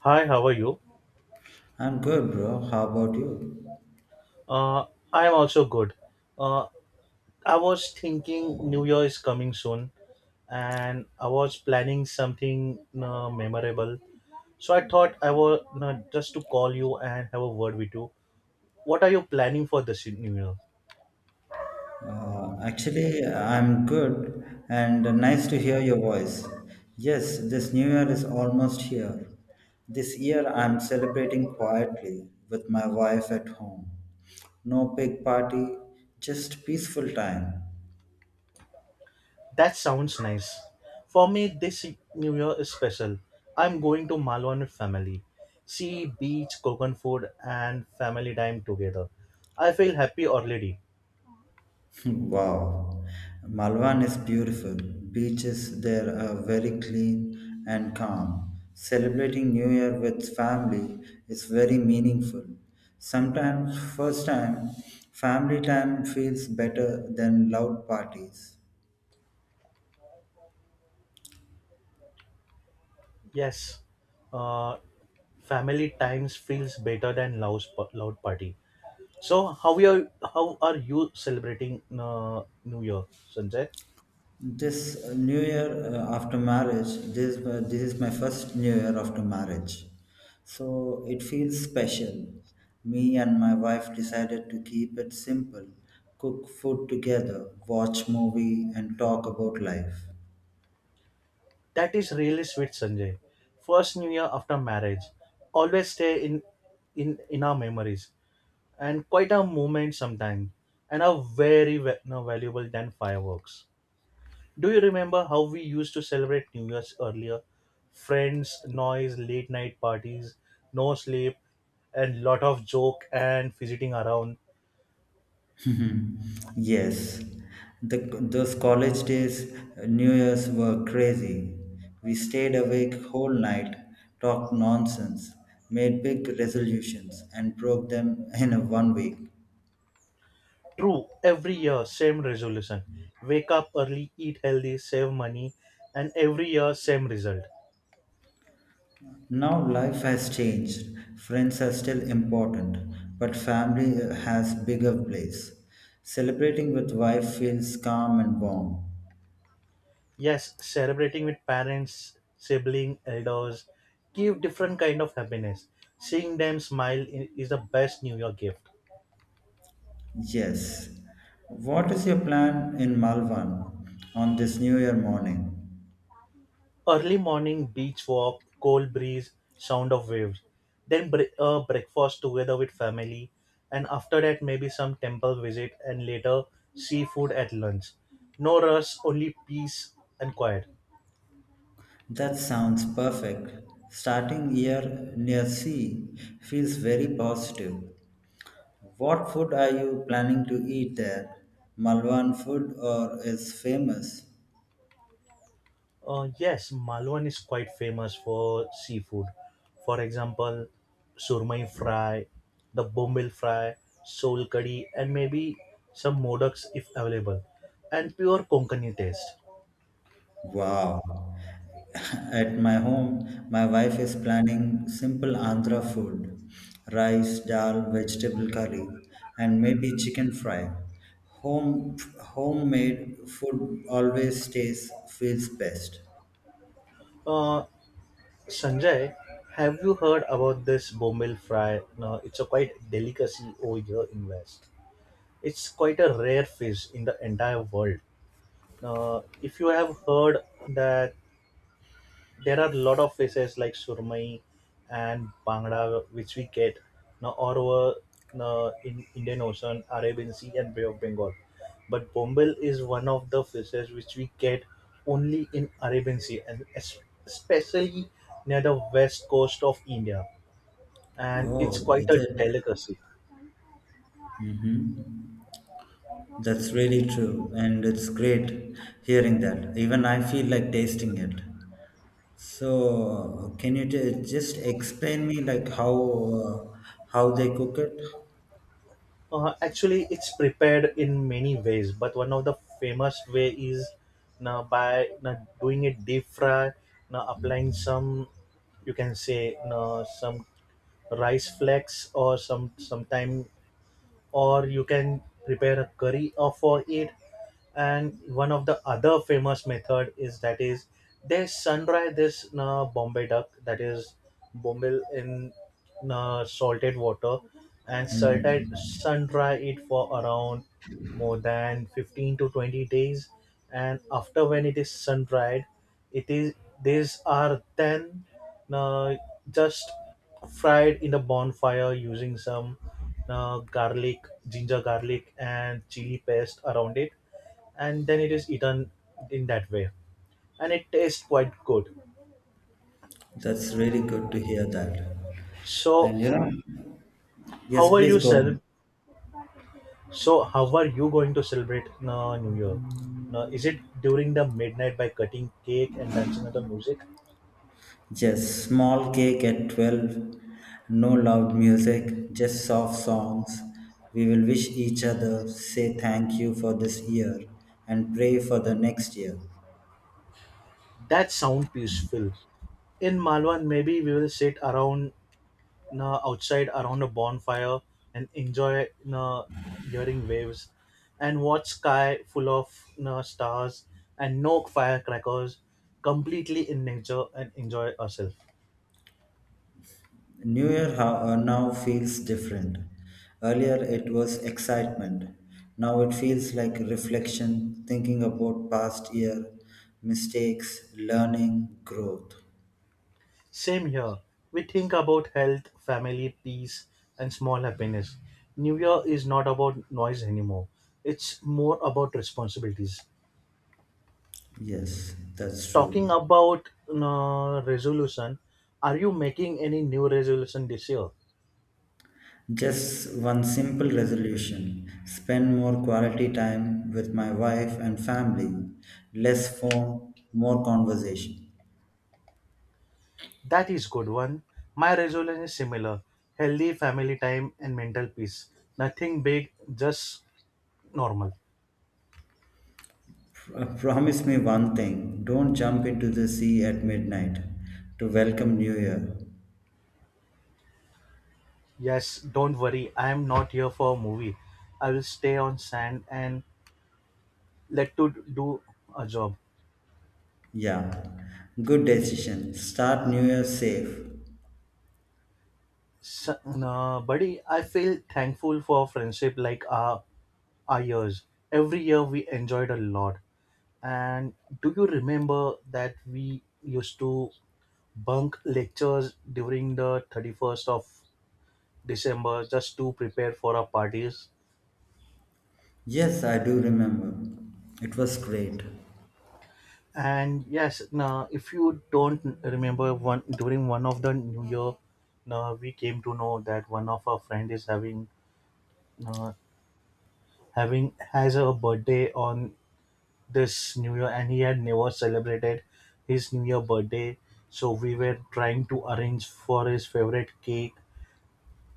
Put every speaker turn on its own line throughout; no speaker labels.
Hi, how are you?
I'm good, bro. How about you?
Uh, I'm also good. Uh, I was thinking New Year is coming soon and I was planning something memorable. So I thought I was just to call you and have a word with you. What are you planning for this New Year?
Actually, I'm good and nice to hear your voice. Yes, this new year is almost here. This year, I'm celebrating quietly with my wife at home. No big party, just peaceful time.
That sounds nice. For me, this New Year is special. I'm going to Malwan with family. Sea, beach, coconut food, and family time together. I feel happy already.
Wow, Malvan is beautiful. Beaches there are very clean and calm. Celebrating New Year with family is very meaningful. Sometimes, first time, family time feels better than loud parties.
Yes. Uh, Family times feels better than loud party. So how are you celebrating New Year, Sanjay?
This New Year after marriage, this is my first New Year after marriage, so it feels special. Me and my wife decided to keep it simple, cook food together, watch movie, and talk about life.
That is really sweet, Sanjay. First New Year after marriage, always stay in our memories and quite a moment sometimes and are no, valuable than fireworks. Do you remember how we used to celebrate New Year's earlier? Friends, noise, late night parties, no sleep, and lot of joke and fidgeting around.
Mhm. Yes, those college days, New Year's were crazy. We stayed awake whole night, talked nonsense, made big resolutions, and broke them in a 1 week.
True, every year, same resolution. Wake up early, eat healthy, save money, and every year, same result.
Now life has changed. Friends are still important, but family has bigger place. Celebrating with wife feels calm and warm.
Yes, celebrating with parents, sibling, elders, give different kind of happiness. Seeing them is the best New Year gift.
Yes. What is your plan in Malvan on this New Year morning?
Early morning beach walk, cold breeze, sound of waves. Then breakfast together with family, and after that maybe some temple visit and later seafood at lunch. No rush, only peace and quiet.
That sounds perfect. Starting year near sea feels very positive. What food are you planning to eat there? Malvan food or is famous?
Yes, Malwan is quite famous for seafood. For example, surmai fry, the bombil fry, sol curry, and maybe some modaks if available, and pure Konkani taste.
Wow. At my home, my wife is planning simple Andhra food rice, dal, vegetable curry, and maybe chicken fry. Home, homemade food always stays, feels best.
Uh, Sanjay, have you heard about this bombil fry? No, it's a quite delicacy over here in West. It's quite a rare fish in the entire world. If you have heard that there are a lot of fishes like surmai and bangda which we get now all over in Indian Ocean, Arabian Sea, and Bay of Bengal. But bombil is one of the fishes which we get only in Arabian Sea and especially near the west coast of India, and
Oh,
it's quite
is
a
it?
delicacy.
Mm-hmm. That's really true, and it's great hearing that. Even I feel like tasting it. So, can you just explain me like uh, how they cook it?
Actually, it's prepared in many ways, but one of the famous way is now by now doing it deep fry, now applying some, you can say now some rice flakes or some sometime, or you can prepare a curry or for it, and one of the other famous method is that is they sunrise this bombay duck, that is bombay in salted water and salted
Hmm.
sun-dry it for around more than 15 to 20 days, and after when it is sun-dried it is these are then uh, just fried in the bonfire using some garlic, ginger garlic and chili paste around it, and then it is eaten in that way, and it tastes quite good.
That's really good to hear that.
So
And yes,
how are
please
you
go ahead.
cel- so how are you going to celebrate new year? No, is it during the midnight by cutting cake and dancing to the music?
Just small cake at 12, no loud music, just soft songs. We will wish each other, say thank you for this year, and pray for the next year.
That sound peaceful. In Malwan, maybe we will sit around outside around a bonfire and enjoy uh, hearing waves and watch sky full of stars, and no firecrackers, completely in nature and enjoy ourselves.
New Year now feels different. Earlier it was excitement. Now it feels like reflection, thinking about past year, mistakes, learning, growth.
Same here. We think about health, family, peace, and small happiness. New year is not about noise anymore, it's more about responsibilities.
Yes, that's
Talking
true.
about resolution, are you making any new resolution this year?
Just one simple resolution spend more quality time with my wife and family, less phone, more conversation.
That is good one. My resolution is similar. Healthy family time and mental peace. Nothing big, just normal.
Promise me one thing don't jump into the sea at midnight to welcome New Year.
Yes, don't worry. I am not here for a movie. I will stay on sand and let to do a job.
Yeah, good decision. Start New Year safe.
So, buddy, I feel thankful for friendship like our years. Every year we enjoyed a lot. And do you remember that we used to bunk lectures during the 31st of December just to prepare for our parties?
Yes, I do remember. It was great.
And yes, now if you don't remember one during one of the New Year, now we came to know that one of our friend is having uh, has a birthday on this New Year, and he had never celebrated his New Year birthday. So we were trying to arrange for his favorite cake,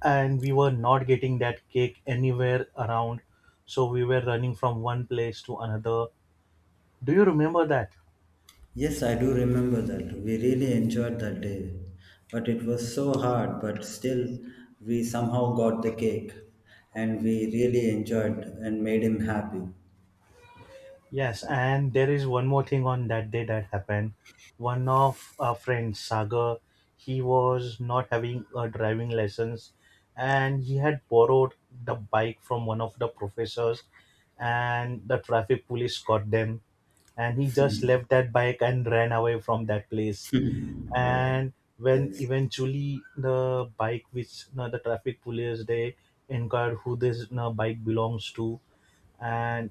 and we were not getting that cake anywhere around. So we were running from one place to another. Do you remember that?
Yes, I do remember that. We really enjoyed that day. But it was so hard, but still, we somehow got the cake and we really enjoyed and made him happy.
Yes, and there is one more thing on that day that happened. One of our friends, Sagar, he was not having a driving license, and he had borrowed the bike from one of the professors, and the traffic police caught them, and he just left that bike and ran away from that place. And when
Yes,
eventually the bike which you the traffic police they inquired who this you bike belongs to, and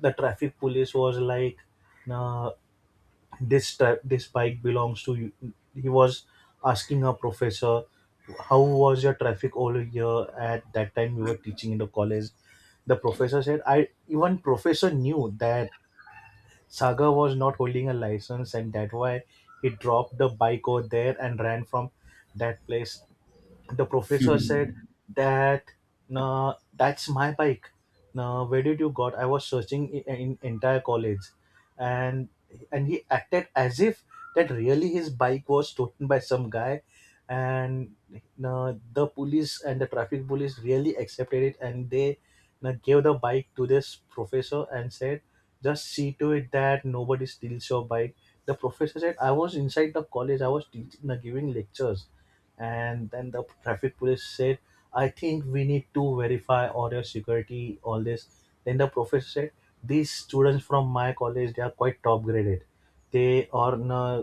the traffic police was like nah, this bike belongs to you. He was asking a professor how was your traffic over here at that time we were teaching in the college. The professor said, I even professor knew that Sagar was not holding a license, and that why he dropped the bike over there and ran from that place. The professor said that nah, that's my bike. Nah, where did you got? I was searching in entire college, and and he acted as if that really his bike was stolen by some guy, and nah, the police and the traffic police really accepted it, and they nah, gave the bike to this professor and said just see to it that nobody steals your bike. The professor said, I was inside the college, I was teaching, giving lectures. And then the traffic police said, I think we need to verify all your security, all this. Then the professor said, these students from my college, they are quite top graded. They are uh,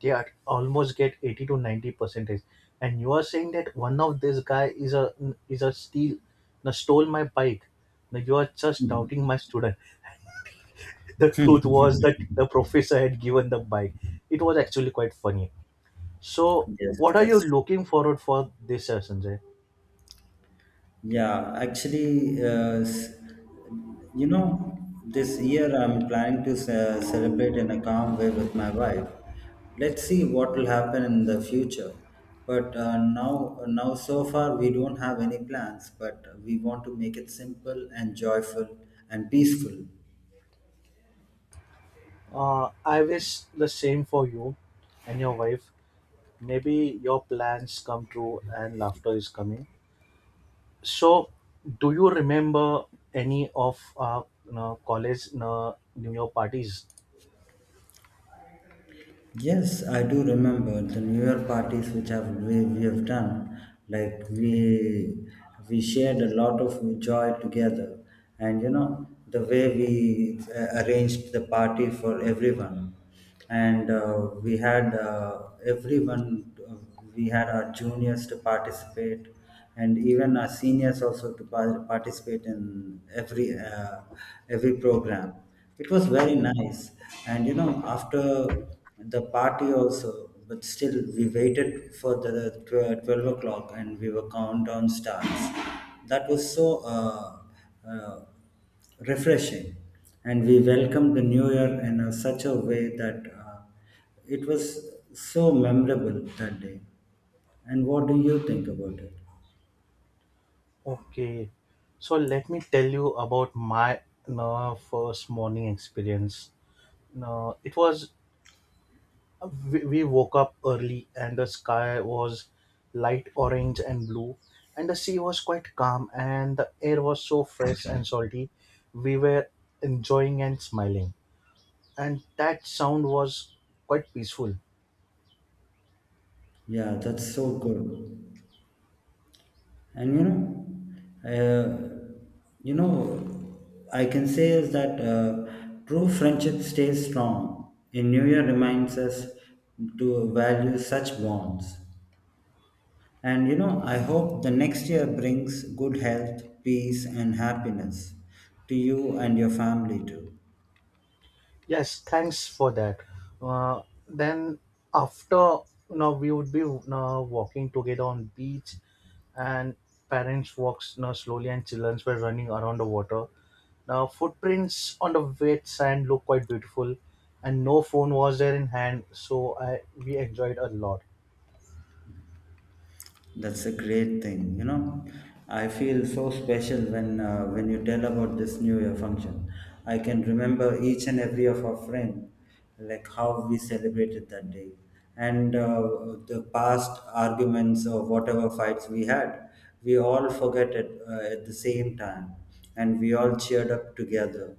they are almost get 80 to 90 percentage, and you are saying that one of this guy is a steal now stole my bike, now you are just doubting my student. The truth was that the professor had given the bike. It was actually quite funny. So,
yes,
what are you
that's
looking forward for this year, Sanjay?
yeah, actually, you know, this year I'm planning to celebrate in a calm way with my wife. Let's see what will happen in the future. But now so far we don't have any plans. But we want to make it simple and joyful and peaceful.
I wish the same for you and your wife. Maybe your plans come true and laughter is coming. So, do you remember any of our you know, college you know, New Year parties?
Yes, I do remember the New Year parties which we have done. Like we shared a lot of joy together, and you know the way we arranged the party for everyone, and we had everyone we had our juniors to participate and even our seniors also to participate in every program. It was very nice, and you know, after the party also, but still we waited for the 12 o'clock and we were countdown starts. That was so uh, uh, refreshing, and we welcomed the new year in a, such a way that it was so memorable that day. And what do you think about it?
Okay, so let me tell you about my you know, first morning experience. No, it was we woke up early and the sky was light orange and blue, and the sea was quite calm, and the air was so fresh and salty. We were enjoying and smiling, and that sound was quite peaceful.
Yeah, that's so good. And uh, you know, I can say is that true friendship stays strong. In New Year reminds us to value such bonds. And you know, I hope the next year brings good health, peace, and happiness to you and your family too.
Yes, thanks for that. uh, then after now we would be now walking together on beach, and parents walks now slowly, and children were running around the water. Now, footprints on the wet sand look quite beautiful, and no phone was there in hand, so I we enjoyed a lot.
That's a great thing. You know, I feel so special when when you tell about this New Year function. I can remember each and every of our friend, like how we celebrated that day, and the past arguments or whatever fights we had. We all forget it at the same time, and we all cheered up together.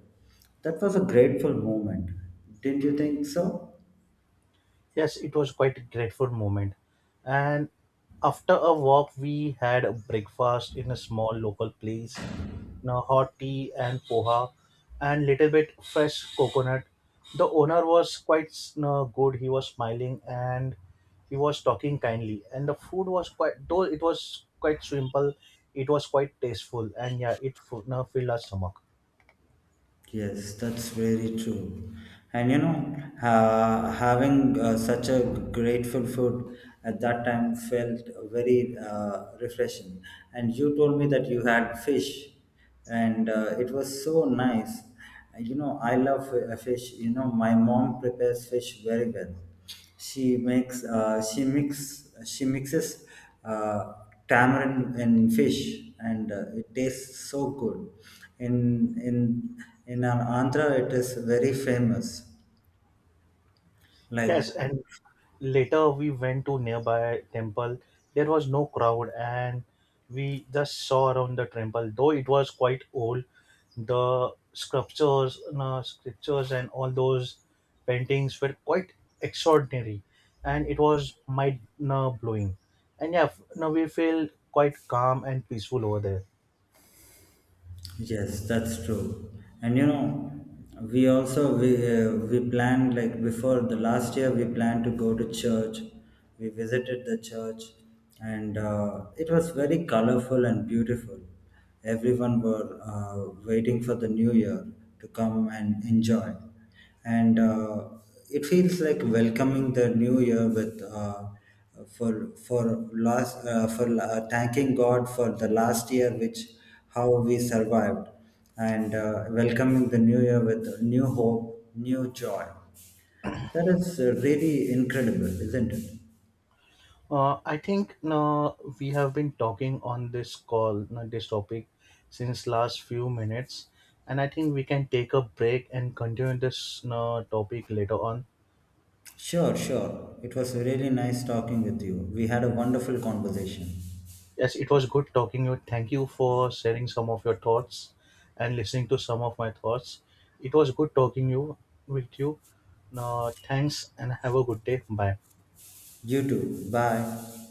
That was a grateful moment, didn't you think so?
Yes, it was quite a grateful moment. And after a walk, we had a breakfast in a small local place. You hot tea and poha, and little bit fresh coconut. The owner was quite you know, good. He was smiling and he was talking kindly. And the food was quite, though it was quite simple, it was quite tasteful, and yeah, it you know, filled our stomach.
Yes, that's very true. And you know, having such a grateful food at that time felt very refreshing. And you told me that you had fish, and it was so nice. You know, I love fish. You know, my mom prepares fish very well. She makes she mixes uh, tamarind and fish, and it tastes so good. In in in our Andhra, it is very famous.
Yes,
Like
and later we went to nearby temple. There was no crowd, and we just saw around the temple, though it was quite old. The sculptures and all those paintings were quite extraordinary, and it was mind blowing. And now we feel quite calm and peaceful over there.
Yes, that's true. And you know, we also we planned like before the last year we planned to go to church. We visited the church, and it was very colorful and beautiful. Everyone were waiting for the new year to come and enjoy, and it feels like welcoming the new year with for last for thanking God for the last year, which how we survived, and welcoming the new year with new hope, new joy. That is really incredible, isn't it?
I think now we have been talking on this call, now this topic, since last few minutes, and I think we can take a break and continue this now topic later on.
Sure, sure, it was really nice talking with you. We had a wonderful conversation.
Yes, it was good talking to you. Thank you for sharing some of your thoughts and listening to some of my thoughts. It was good talking you with you. Now, thanks and have a good day. Bye.
You too. Bye.